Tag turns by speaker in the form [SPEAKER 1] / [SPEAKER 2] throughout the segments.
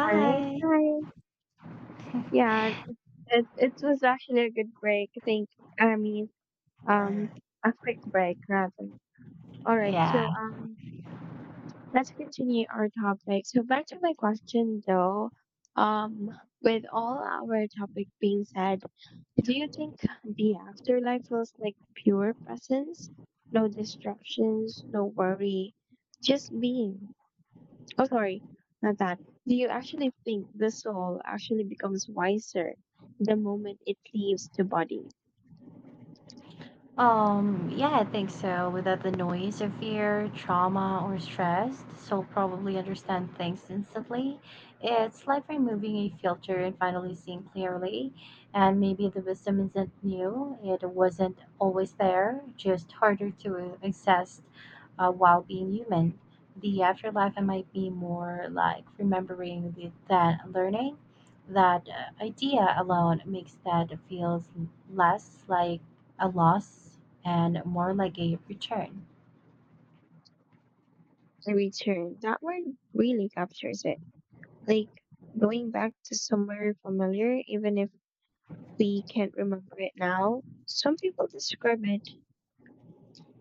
[SPEAKER 1] All right, hi. Yeah, it was actually a good break. Thank you. Um, a quick break rather. All right,
[SPEAKER 2] Yeah,
[SPEAKER 1] let's continue our topic. So back to my question though, um, with all our topic being said, do you think the afterlife feels like pure presence, no distractions, no worry, just being? Oh, sorry, not that. Do you actually think the soul actually becomes wiser the moment it leaves the body?
[SPEAKER 2] Yeah, I think so. Without the noise of fear, trauma, or stress, the soul probably understand things instantly. It's like removing a filter and finally seeing clearly. And maybe the wisdom isn't new, it wasn't always there, just harder to access while being human. The afterlife might be more like remembering the, than learning. That idea alone makes that feels less like a loss and more like a return.
[SPEAKER 1] The return, that word really captures it. Like going back to somewhere familiar, even if we can't remember it now. Some people describe it,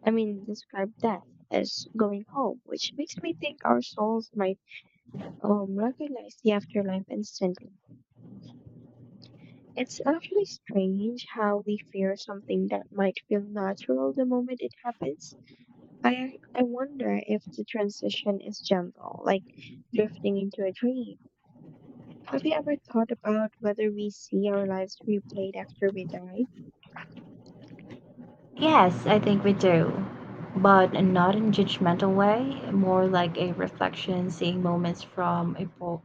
[SPEAKER 1] I mean, describe death as going home, which makes me think our souls might recognize the afterlife instantly. It's actually strange how we fear something that might feel natural the moment it happens. I wonder if the transition is gentle, like drifting into a dream. Have you ever thought about whether we see our lives replayed after we die?
[SPEAKER 2] Yes, I think we do. But not in judgmental way, more like a reflection, seeing moments from a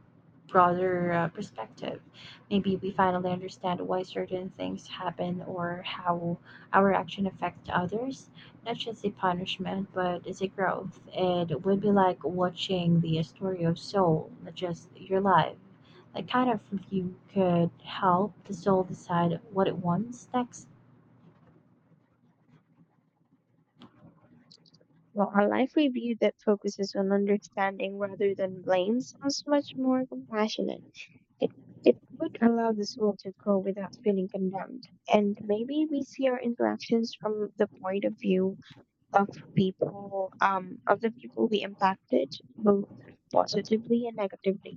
[SPEAKER 2] broader perspective. Maybe we finally understand why certain things happen or how our action affects others. Not just a punishment, but it's a growth. It would be like watching the story of Soul, not just your life. That kind of review could help the soul decide what it wants next.
[SPEAKER 1] Well, a life review that focuses on understanding rather than blame sounds much more compassionate. It it would allow the soul to grow without feeling condemned. And maybe we see our interactions from the point of view of people of the people we impacted both positively and negatively.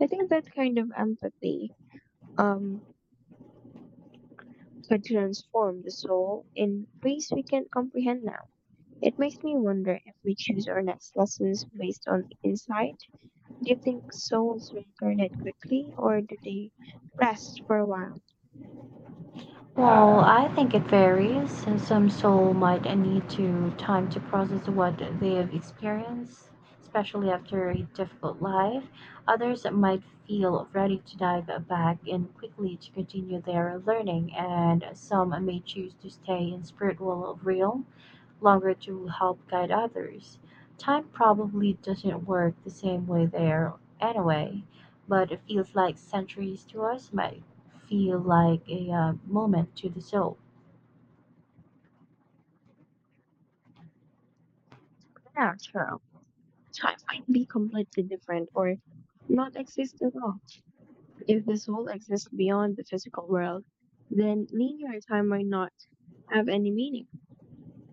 [SPEAKER 1] I think that kind of empathy um could transform the soul in ways we can't comprehend now. It makes me wonder if we choose our next lessons based on insight. Do you think souls reincarnate quickly or do they rest for a while?
[SPEAKER 2] Well, I think it varies. And Some soul might need to time to process what they have experienced, especially after a difficult life. Others might feel ready to dive back in quickly to continue their learning, and some may choose to stay in spiritual realm longer to help guide others. Time probably doesn't work the same way there anyway, but it feels like centuries to us might feel like a moment to the soul.
[SPEAKER 1] Yeah, true. Time might be completely different or not exist at all. If the soul exists beyond the physical world, then linear time might not have any meaning.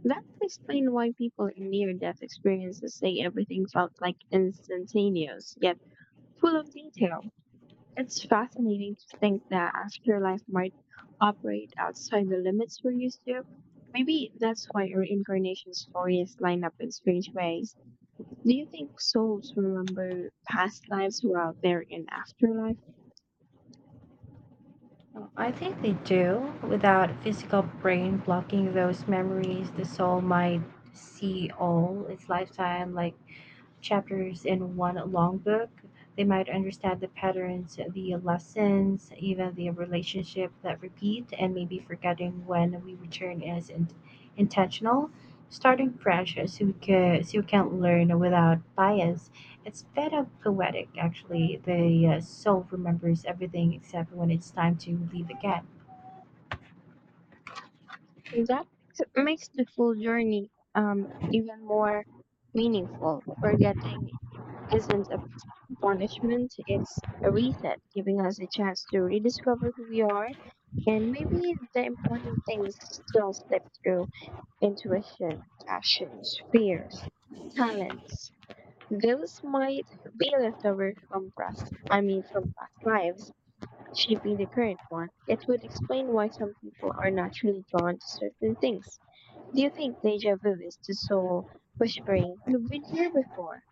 [SPEAKER 1] That would explain why people in near death experiences say everything felt like instantaneous, yet full of detail. It's fascinating to think that afterlife might operate outside the limits we're used to. Maybe that's why reincarnation stories line up in strange ways. Do you think souls remember past lives while they're in afterlife?
[SPEAKER 2] I think they do. Without physical brain blocking those memories, the soul might see all its lifetime like chapters in one long book. They might understand the patterns, the lessons, even the relationship that repeat, and maybe forgetting when we return is intentional. Starting fresh so so you can learn without bias. It's kind of poetic, actually. The soul remembers everything except when it's time to leave again.
[SPEAKER 1] That makes the full journey even more meaningful. Forgetting isn't a punishment, it's a reset, giving us a chance to rediscover who we are and maybe the important things still slip through intuition, passions, fears, talents. Those might be leftovers from from past lives, shaping the current one. It would explain why some people are naturally drawn to certain things. Do you think deja vu is the soul whispering, you've been here before?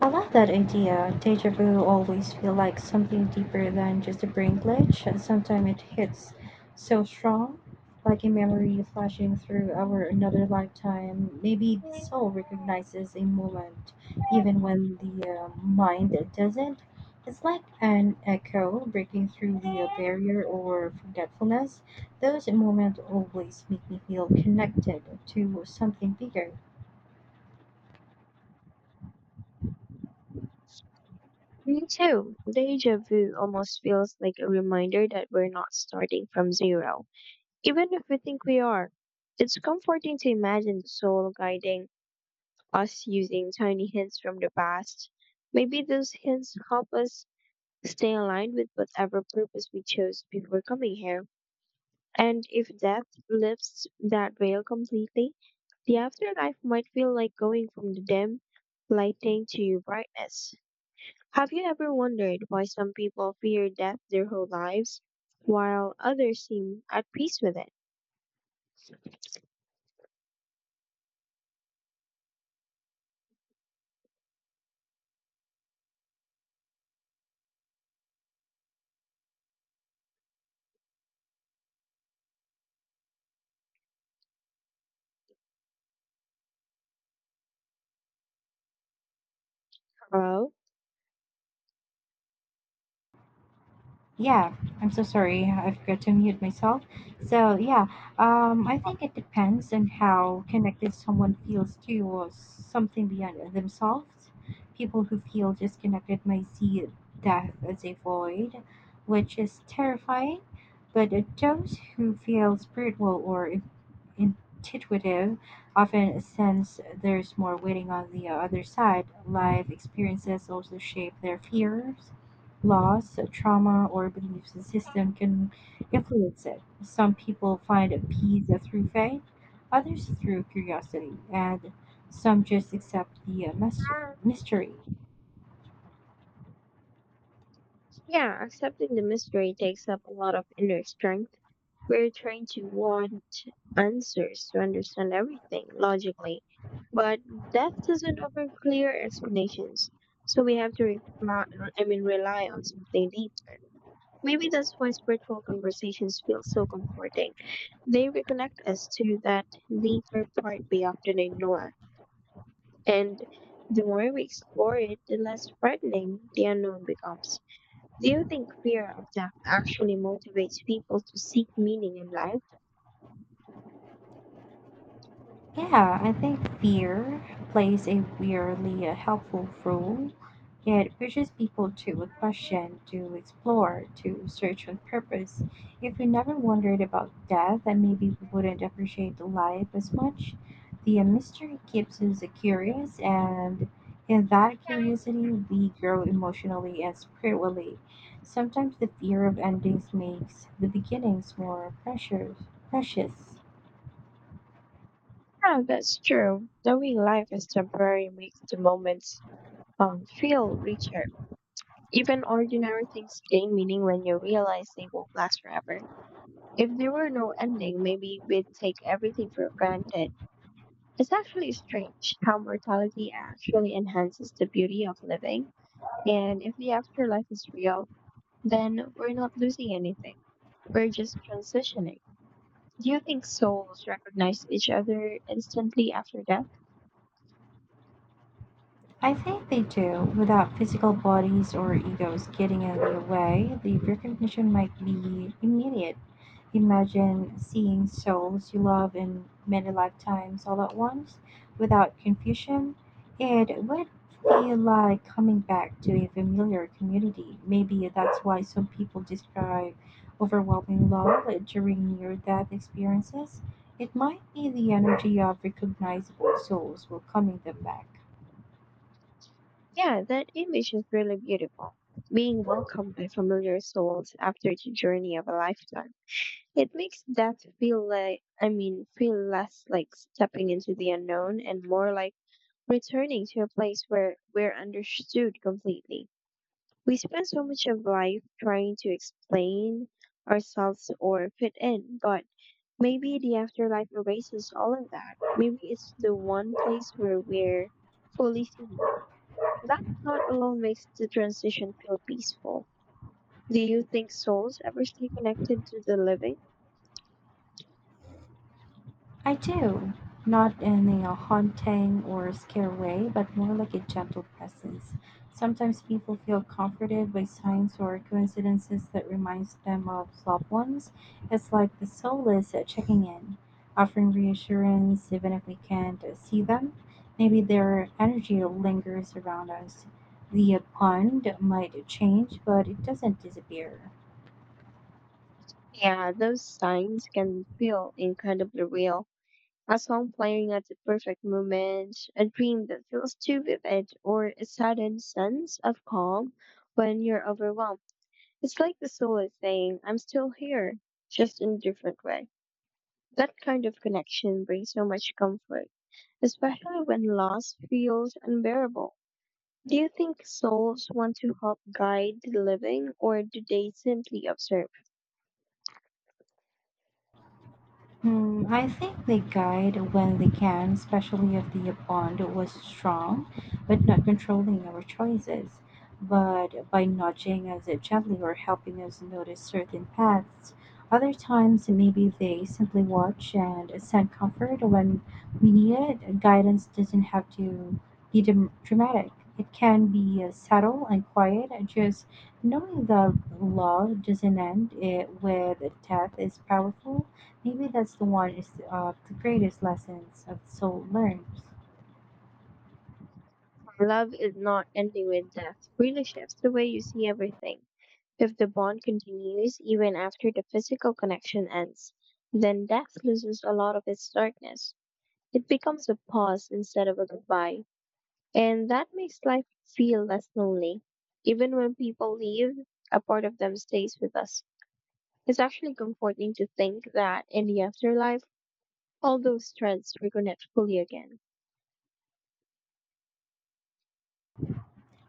[SPEAKER 2] I like that idea. Deja vu always feel like something deeper than just a brain glitch. And Sometimes it hits so strong, like a memory flashing through our another lifetime. Maybe the soul recognizes a moment, even when the mind doesn't. It's like an echo breaking through the barrier or forgetfulness. Those moments always make me feel connected to something bigger.
[SPEAKER 1] Me too. Deja vu almost feels like a reminder that we're not starting from zero, even if we think we are. It's comforting to imagine the soul guiding us using tiny hints from the past. Maybe those hints help us stay aligned with whatever purpose we chose before coming here. And if death lifts that veil completely, the afterlife might feel like going from the dim lighting to brightness. Have you ever wondered why some people fear death their whole lives, while others seem at peace with it? Hello?
[SPEAKER 2] Yeah, I'm so sorry. I forgot to mute myself. So yeah, I think it depends on how connected someone feels to something beyond themselves. People who feel disconnected may see death as a void, which is terrifying. But those who feel spiritual or intuitive often sense there's more waiting on the other side. Life experiences also shape their fears loss, trauma, or belief system can influence it. Some people find peace through faith, others through curiosity, and some just accept the
[SPEAKER 1] Uh,
[SPEAKER 2] mystery.
[SPEAKER 1] Yeah, accepting the mystery takes up a lot of inner strength. We're trained to want answers to understand everything logically, but death doesn't offer clear explanations, so we have to rely, rely on something deeper. Maybe that's why spiritual conversations feel so comforting. They reconnect us to that deeper part we often ignore. And the more we explore it, the less frightening the unknown becomes. Do you think fear of death actually motivates people to seek meaning in life?
[SPEAKER 2] Yeah, I think fear plays a weirdly helpful role. It pushes people to a question, to explore, to search with purpose. If we never wondered about death, then maybe we wouldn't appreciate life as much. The mystery keeps us curious, and in that curiosity, we grow emotionally and spiritually. Sometimes the fear of endings makes the beginnings more precious.
[SPEAKER 1] Yeah, that's true. Knowing life is temporary makes the moments feel richer. Even ordinary things gain meaning when you realize they won't last forever. If there were no ending, maybe we'd take everything for granted. It's actually strange how mortality actually enhances the beauty of living. And if the afterlife is real, then we're not losing anything. We're just transitioning. Do you think souls recognize each other instantly after death?
[SPEAKER 2] I think they do. Without physical bodies or egos getting in the way, the recognition might be immediate. Imagine seeing souls you love in many lifetimes all at once without confusion. It would feel like coming back to a familiar community. Maybe that's why some people describe overwhelming love during near death experiences. It might be the energy of recognizable souls welcoming them back.
[SPEAKER 1] Yeah, that image is really beautiful. Being welcomed by familiar souls after the journey of a lifetime. It makes death feel feel less like stepping into the unknown and more like returning to a place where we're understood completely. We spend so much of life trying to explain ourselves or fit in, but maybe the afterlife erases all of that. Maybe it's the one place where we're fully seen. That thought alone makes the transition feel peaceful. Do you think souls ever stay connected to the living?
[SPEAKER 2] I do. Not in a haunting or scare way, but more like a gentle presence. Sometimes people feel comforted by signs or coincidences that reminds them of loved ones. It's like the soul is checking in, offering reassurance even if we can't see them. Maybe their energy lingers around us. The bond might change, but it doesn't disappear.
[SPEAKER 1] Yeah, those signs can feel incredibly real. A song playing at the perfect moment, a dream that feels too vivid, or a sudden sense of calm when you're overwhelmed. It's like the soul is saying, I'm still here, just in a different way. That kind of connection brings so much comfort, especially when loss feels unbearable. Do you think souls want to help guide the living, or do they simply observe?
[SPEAKER 2] Hmm, I think they guide when they can, especially if the bond was strong, but not controlling our choices. But by nudging us gently or helping us notice certain paths, other times maybe they simply watch and send comfort when we need it. Guidance doesn't have to be dramatic. It can be subtle and quiet, and just knowing that love doesn't end it with death is powerful. Maybe that's the one is the greatest lessons of the soul learns.
[SPEAKER 1] Love is not ending with death. Really shifts the way you see everything. If the bond continues even after the physical connection ends, then death loses a lot of its darkness. It becomes a pause instead of a goodbye, and that makes life feel less lonely. Even when people leave, a part of them stays with us. It's actually comforting to think that in the afterlife, all those threads reconnect fully again.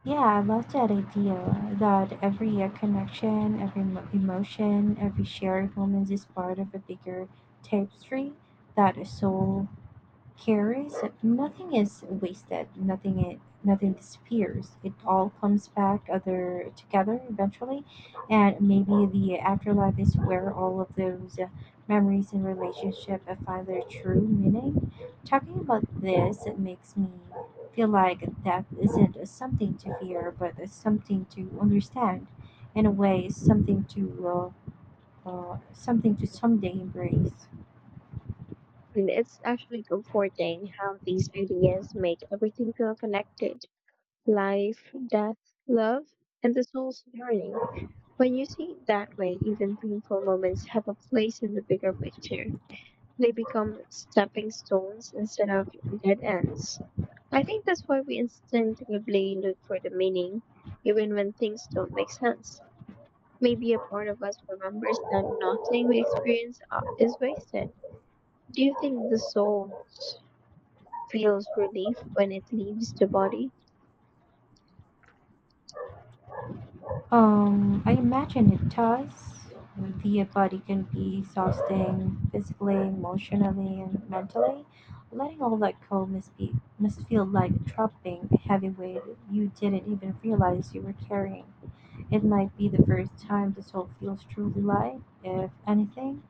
[SPEAKER 2] Yeah, I love that idea that every connection, every emotion, every shared moment is part of a bigger tapestry that a soul. Here is nothing is wasted, nothing disappears. It all comes back other together eventually, and maybe the afterlife is where all of those memories and relationship find their true meaning. Talking about this, it makes me feel like death isn't something to fear, but it's something to understand. In a way, something to something to someday embrace.
[SPEAKER 1] And it's actually comforting how these ideas make everything feel connected life, death, love, and the soul's journey. When you see it that way, even painful moments have a place in the bigger picture. They become stepping stones instead of dead ends. I think that's why we instinctively look for the meaning, even when things don't make sense. Maybe a part of us remembers that nothing we experience is wasted. Do you think the soul feels relief when it leaves the body?
[SPEAKER 2] I imagine it does. The body can be exhausting physically, emotionally, and mentally. Letting all that go must feel like dropping a heavy weight you didn't even realize you were carrying. It might be the first time this whole feels truly light, if anything.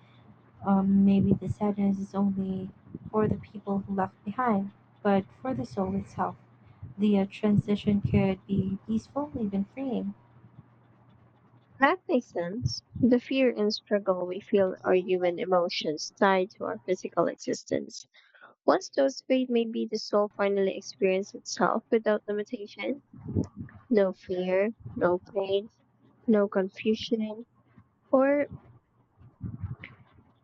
[SPEAKER 2] Maybe the sadness is only for the people who left behind, but for the soul itself, the transition could be peaceful, even freeing.
[SPEAKER 1] That makes sense. The fear and struggle we feel are human emotions tied to our physical existence. Once those fade, maybe the soul finally experiences itself without limitation. No fear, no pain, no confusion, or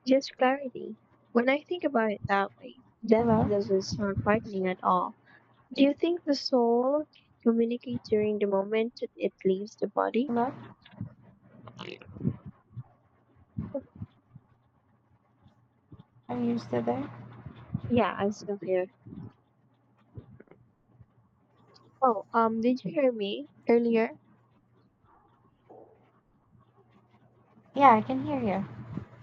[SPEAKER 1] just clarity. When I think about it that way, death
[SPEAKER 2] Hello,
[SPEAKER 1] doesn't sound frightening at all. Do you think the soul communicates during the moment it leaves the body?
[SPEAKER 2] hello. Are you still there?
[SPEAKER 1] Yeah, I'm still here. Oh, did you hear me earlier?
[SPEAKER 2] Yeah, I can hear you.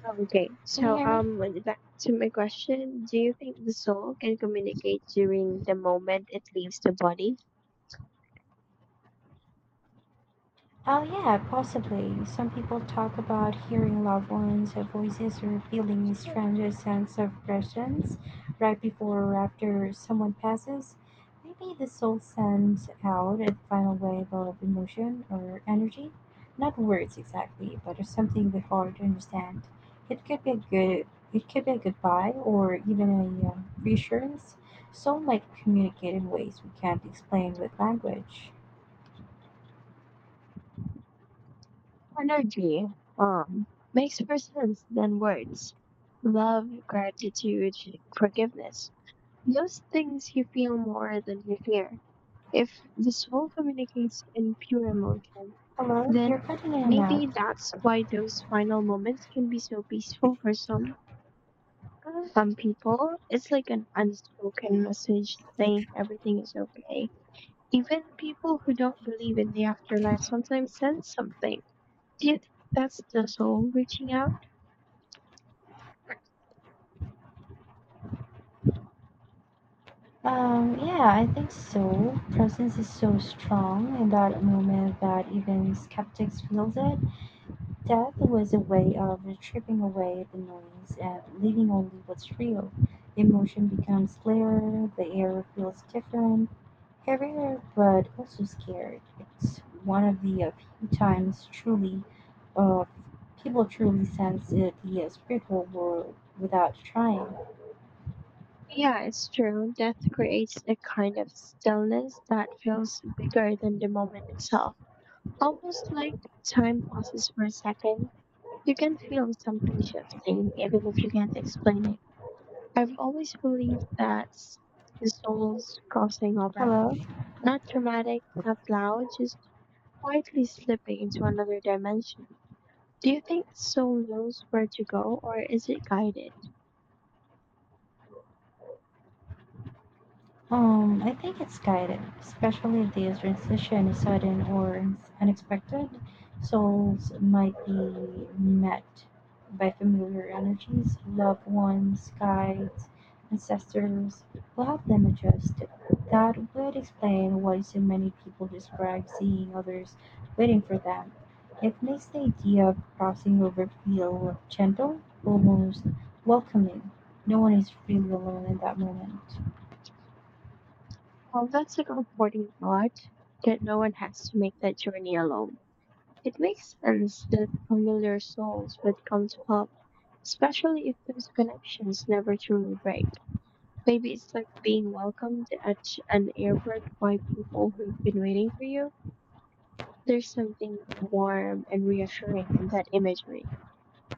[SPEAKER 1] Oh, okay.
[SPEAKER 2] Can you hear me?
[SPEAKER 1] Back to my question, do you think the soul can communicate during the moment it leaves the body?
[SPEAKER 2] Oh, yeah, possibly. Some people talk about hearing loved ones' voices or feeling a strange sense of presence right before or after someone passes. Maybe the soul sends out a final wave of emotion or energy. Not words exactly, but something the heart understand. It could be a goodbye or even a reassurance. Soul might communicate in ways we can't explain with language.
[SPEAKER 1] Energy, um, makes more sense than words. Love, gratitude, forgiveness. Those things you feel more than you hear. If the soul communicates in pure emotion,
[SPEAKER 2] Hello,
[SPEAKER 1] then
[SPEAKER 2] you're cutting in and out.
[SPEAKER 1] maybe that's why those final moments can be so peaceful for some. For some people, it's like an unspoken message saying everything is okay. Even people who don't believe in the afterlife sometimes sense something. Do you think that's the soul reaching out?
[SPEAKER 2] Yeah, I think so. Presence is so strong in that moment that even skeptics feel it. Death was a way of tripping away the noise and leaving only what's real. Emotion becomes clearer, the air feels different, heavier, but also scared. It's one of the few times truly uh, people truly sense it, the spiritual world without trying.
[SPEAKER 1] Yeah, it's true. Death creates a kind of stillness that feels bigger than the moment itself. Almost like time passes for a second. You can feel something shifting, even if you can't explain it. I've always believed that the soul's crossing over,
[SPEAKER 2] Hello?
[SPEAKER 1] not dramatic, not loud, just quietly slipping into another dimension. Do you think the soul knows where to go or is it guided?
[SPEAKER 2] I think it's guided, especially if the transition is sudden or unexpected. Souls might be met by familiar energies, loved ones, guides, ancestors will help them adjust. That would explain why so many people describe seeing others waiting for them. It makes the idea of crossing over feel gentle, almost welcoming. No one is really alone in that moment.
[SPEAKER 1] Well, that's a comforting thought that no one has to make that journey alone. It makes sense that familiar souls would come to help, especially if those connections never truly break. Maybe it's like being welcomed at an airport by people who've been waiting for you. There's something warm and reassuring in that imagery.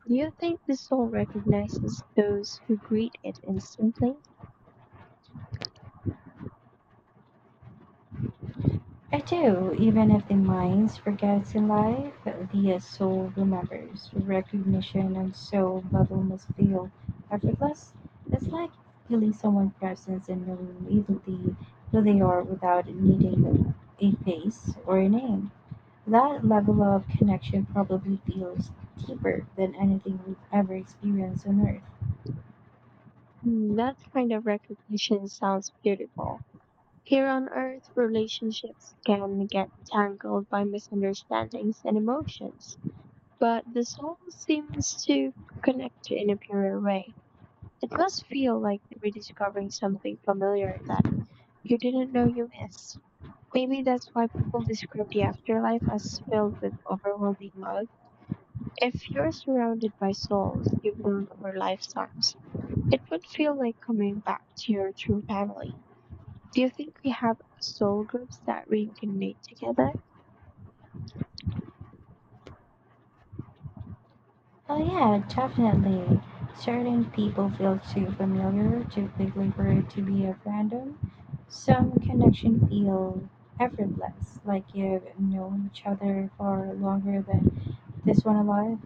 [SPEAKER 1] Do you think the soul recognizes those who greet it instantly?
[SPEAKER 2] I do. Even if the mind forgets in life, the soul remembers. Recognition and soul level must feel effortless. It's like feeling someone's presence and knowing immediately who they are without needing a face or a name. That level of connection probably feels deeper than anything we've ever experienced on earth.
[SPEAKER 1] Hmm. That kind of recognition sounds beautiful. Here on earth, relationships can get tangled by misunderstandings and emotions, but the soul seems to connect in a purer way. It must feel like rediscovering something familiar that you didn't know you missed. Maybe that's why people describe the afterlife as filled with overwhelming love. If you're surrounded by souls you've known for lifetimes, it would feel like coming back to your true family. Do you think we have soul groups that reincarnate together?
[SPEAKER 2] Oh yeah, definitely. Certain people feel too familiar, too quickly for it to be a random. Some connection feel effortless, like you've known each other for longer than this one alive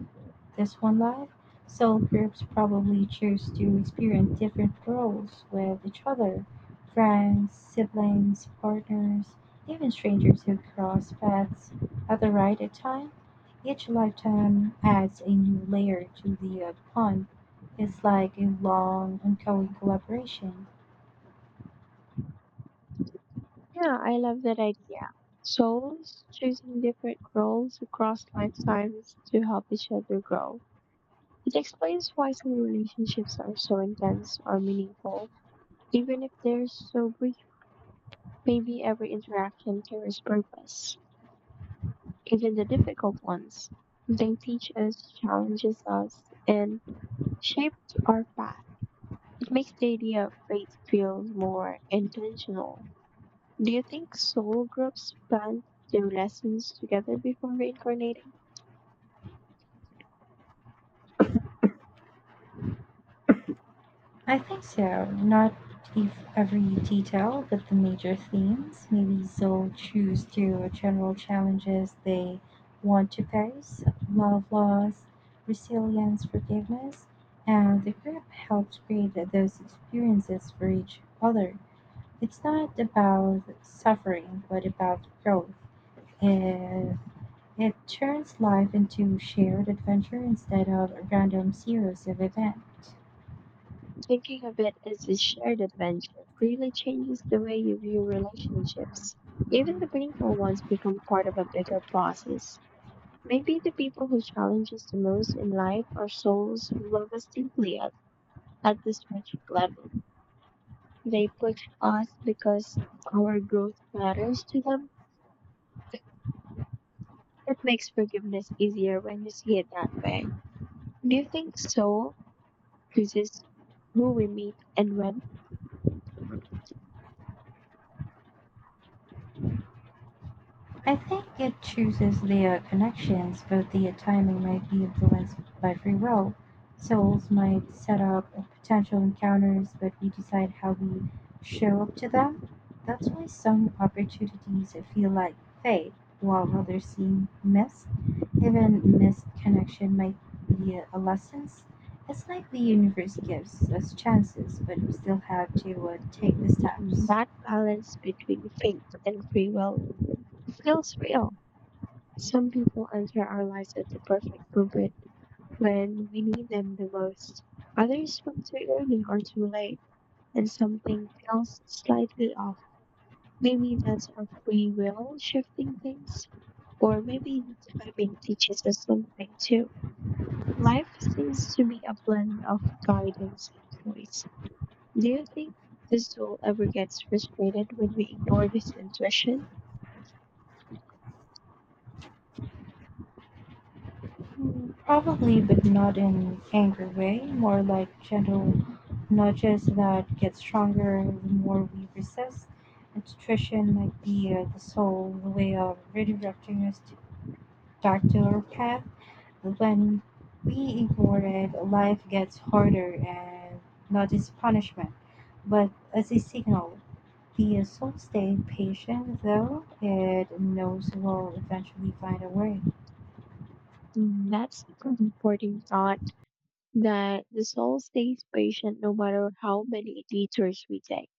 [SPEAKER 2] this one life, so groups probably choose to experience different roles with each other friends, siblings, partners, even strangers who cross paths at the right time. Each lifetime adds a new layer to the pond. It's like a long, ongoing collaboration.
[SPEAKER 1] Yeah, I love that idea. Souls choosing different roles across lifetimes to help each other grow. It explains why some relationships are so intense or meaningful, even if they're so brief. Maybe every interaction carries purpose. Even the difficult ones, they teach us, challenges us, and shapes our path. It makes the idea of faith feel more intentional. Do you think soul groups plan their lessons together before reincarnating?
[SPEAKER 2] I think so. Not if every detail, but the major themes. Maybe they'll choose to general challenges they want to face love loss, resilience, forgiveness, and the group helps create those experiences for each other. It's not about suffering, but about growth. It, it turns life into shared adventure instead of a random series of events.
[SPEAKER 1] Thinking of it as a shared adventure really changes the way you view relationships. Even the painful ones become part of a bigger process. Maybe the people who challenge us the most in life are souls who love us deeply at the strategic level. They push us because our growth matters to them. It makes forgiveness easier when you see it that way. Do you think soul chooses who we meet and when
[SPEAKER 2] I think it chooses their connections, but their timing might be influenced by free will. Souls might set up potential encounters, but we decide how we show up to them. That's why some opportunities feel like fate, while others seem missed. Even missed connection might be a lesson. It's like the universe gives us chances, but we still have to take the steps.
[SPEAKER 1] that balance between fate and free will feels real? Some people enter our lives at the perfect moment when we need them the most. Others come too early or too late, and something feels slightly off. Maybe that's our free will shifting things, or maybe timing teaches us something too. Life seems to be a blend of guidance and choice. Do you think the soul ever gets frustrated when we ignore this intuition?
[SPEAKER 2] Probably, but not in angry way, more like gentle nudges that get stronger the more we resist. And nutrition might be the sole way of redirecting back to our path. When we ignore it, life gets harder and not as punishment, but as a signal. The soul stays patient, though it knows it will eventually find a way.
[SPEAKER 1] Mm, that's an important thought, that the soul stays patient no matter how many detours we take.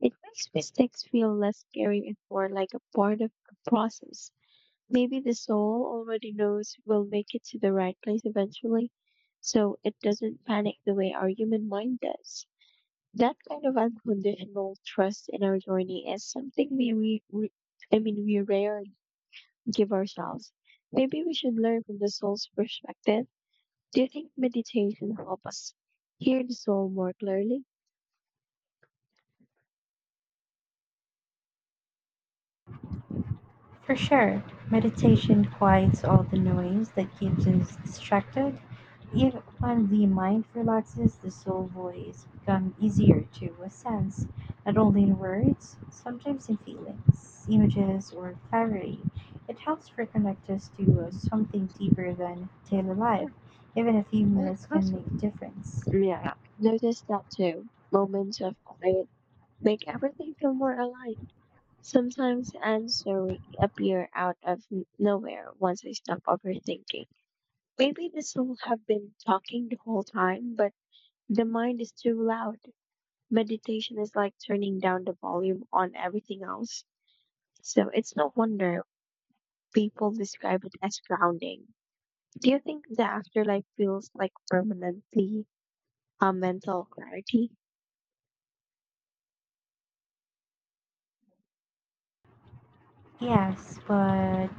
[SPEAKER 1] It makes mistakes feel less scary and more like a part of the process. Maybe the soul already knows we'll make it to the right place eventually, so it doesn't panic the way our human mind does. That kind of unconditional trust in our journey is something we, re- re- I mean, we rarely give ourselves. Maybe we should learn from the soul's perspective. Do you think meditation help us hear the soul more clearly?
[SPEAKER 2] For sure, meditation quiets all the noise that keeps us distracted. Even when the mind relaxes, the soul voice becomes easier to sense, not only in words, sometimes in feelings, images, or clarity. It helps reconnect us to something deeper than daily life.
[SPEAKER 1] Or-
[SPEAKER 2] Even a few
[SPEAKER 1] or it
[SPEAKER 2] minutes can
[SPEAKER 1] doesn't?
[SPEAKER 2] make a difference.
[SPEAKER 1] Yeah, notice that too. Moments of quiet make everything feel more aligned. Sometimes answers appear out of nowhere once I stop overthinking. Maybe the soul have been talking the whole time, but the mind is too loud. Meditation is like turning down the volume on everything else. So it's no wonder people describe it as grounding. Do you think the afterlife feels like permanently a mental clarity?
[SPEAKER 2] Yes, but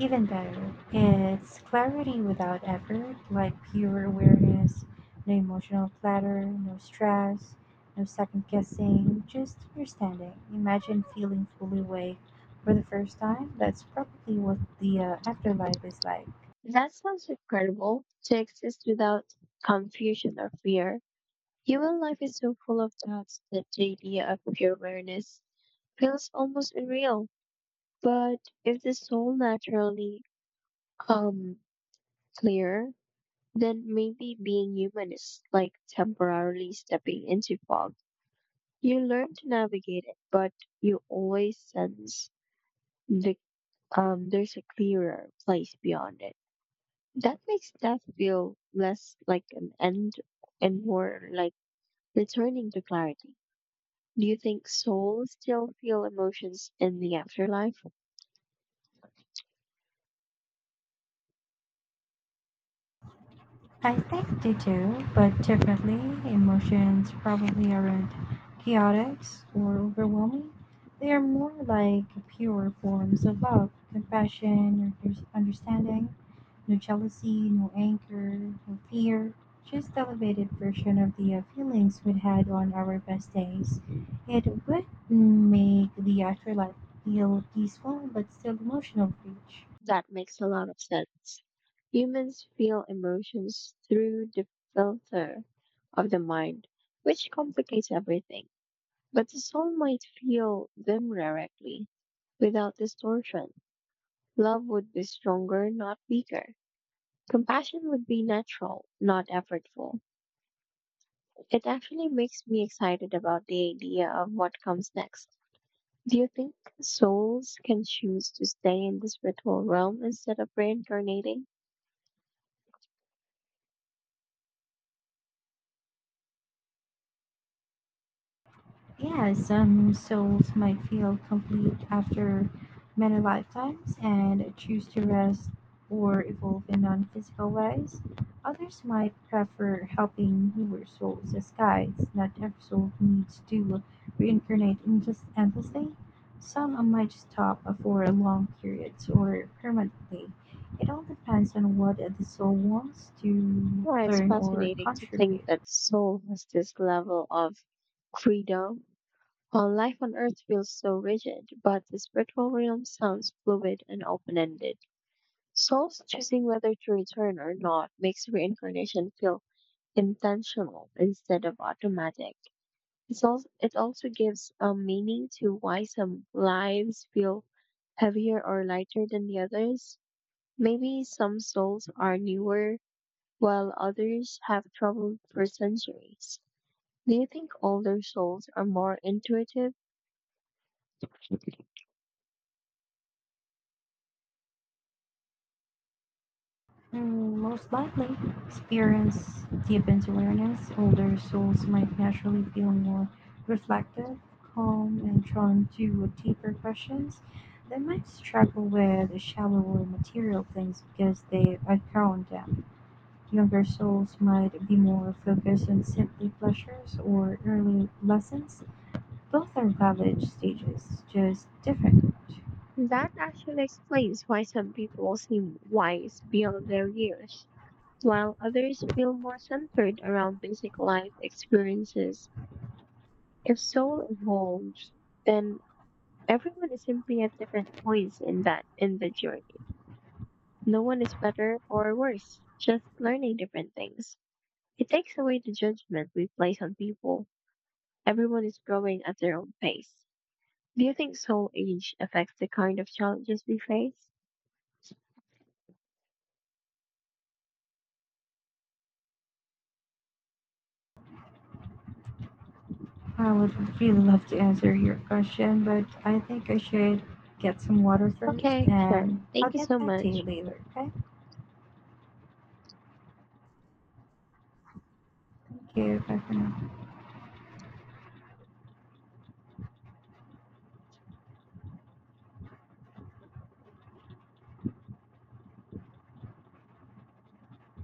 [SPEAKER 2] even better, it's clarity without effort, like pure awareness, no emotional platter, no stress, no second guessing, just understanding. Imagine feeling fully awake for the first time. That's probably what the afterlife is like.
[SPEAKER 1] That sounds incredible, to exist without confusion or fear. Human life is so full of doubts that the idea of pure awareness feels almost unreal. But if the soul naturally um clear, then maybe being human is like temporarily stepping into fog. You learn to navigate it, but you always sense the there's a clearer place beyond it. That makes death feel less like an end and more like returning to clarity. Do you think souls still feel emotions in the afterlife?
[SPEAKER 2] I think they do, but differently. Emotions probably aren't chaotic or overwhelming. They are more like pure forms of love, compassion, or just understanding. No jealousy, no anger, no fear. Just elevated version of the feelings we had on our best days. It would make the afterlife feel peaceful but still emotional for each.
[SPEAKER 1] That makes a lot of sense. Humans feel emotions through the filter of the mind, which complicates everything. But the soul might feel them directly, without distortion. Love would be stronger, not weaker. Compassion would be natural, not effortful. It actually makes me excited about the idea of what comes next. Do you think souls can choose to stay in the spiritual realm instead of reincarnating?
[SPEAKER 2] Yeah, some souls might feel complete after many lifetimes and choose to rest or evolve in non physical ways. Others might prefer helping newer souls as guides. Not every soul needs to reincarnate in just endlessly. Some might stop for long periods or permanently. It all depends on what the soul wants to
[SPEAKER 1] Well, it's
[SPEAKER 2] learn or
[SPEAKER 1] fascinating to think
[SPEAKER 2] contribute.
[SPEAKER 1] that soul has this level of freedom. While life on earth feels so rigid, but the spiritual realm sounds fluid and open ended. Souls choosing whether to return or not makes reincarnation feel intentional instead of automatic. It also gives a meaning to why some lives feel heavier or lighter than the others. Maybe some souls are newer, while others have traveled for centuries. Do you think older souls are more intuitive?
[SPEAKER 2] Mm, most likely, experience deepens awareness. Older souls might naturally feel more reflective, calm, and drawn to deeper questions. They might struggle with shallower material things because they are thrown them. Younger souls might be more focused on simply pleasures or early lessons. Both are valid stages, just different.
[SPEAKER 1] That actually explains why some people seem wise beyond their years, while others feel more centered around basic life experiences. If soul evolves, then everyone is simply at different points in that in the journey. No one is better or worse, just learning different things. It takes away the judgment we place on people. Everyone is growing at their own pace. Do you think soul age affects the kind of challenges we face?
[SPEAKER 2] I would really love to answer your question, but I think I should get some water first
[SPEAKER 1] Okay, sure.
[SPEAKER 2] and I'll
[SPEAKER 1] Thank you
[SPEAKER 2] get
[SPEAKER 1] so
[SPEAKER 2] back to
[SPEAKER 1] much.
[SPEAKER 2] you later, okay? Thank you. Bye for now.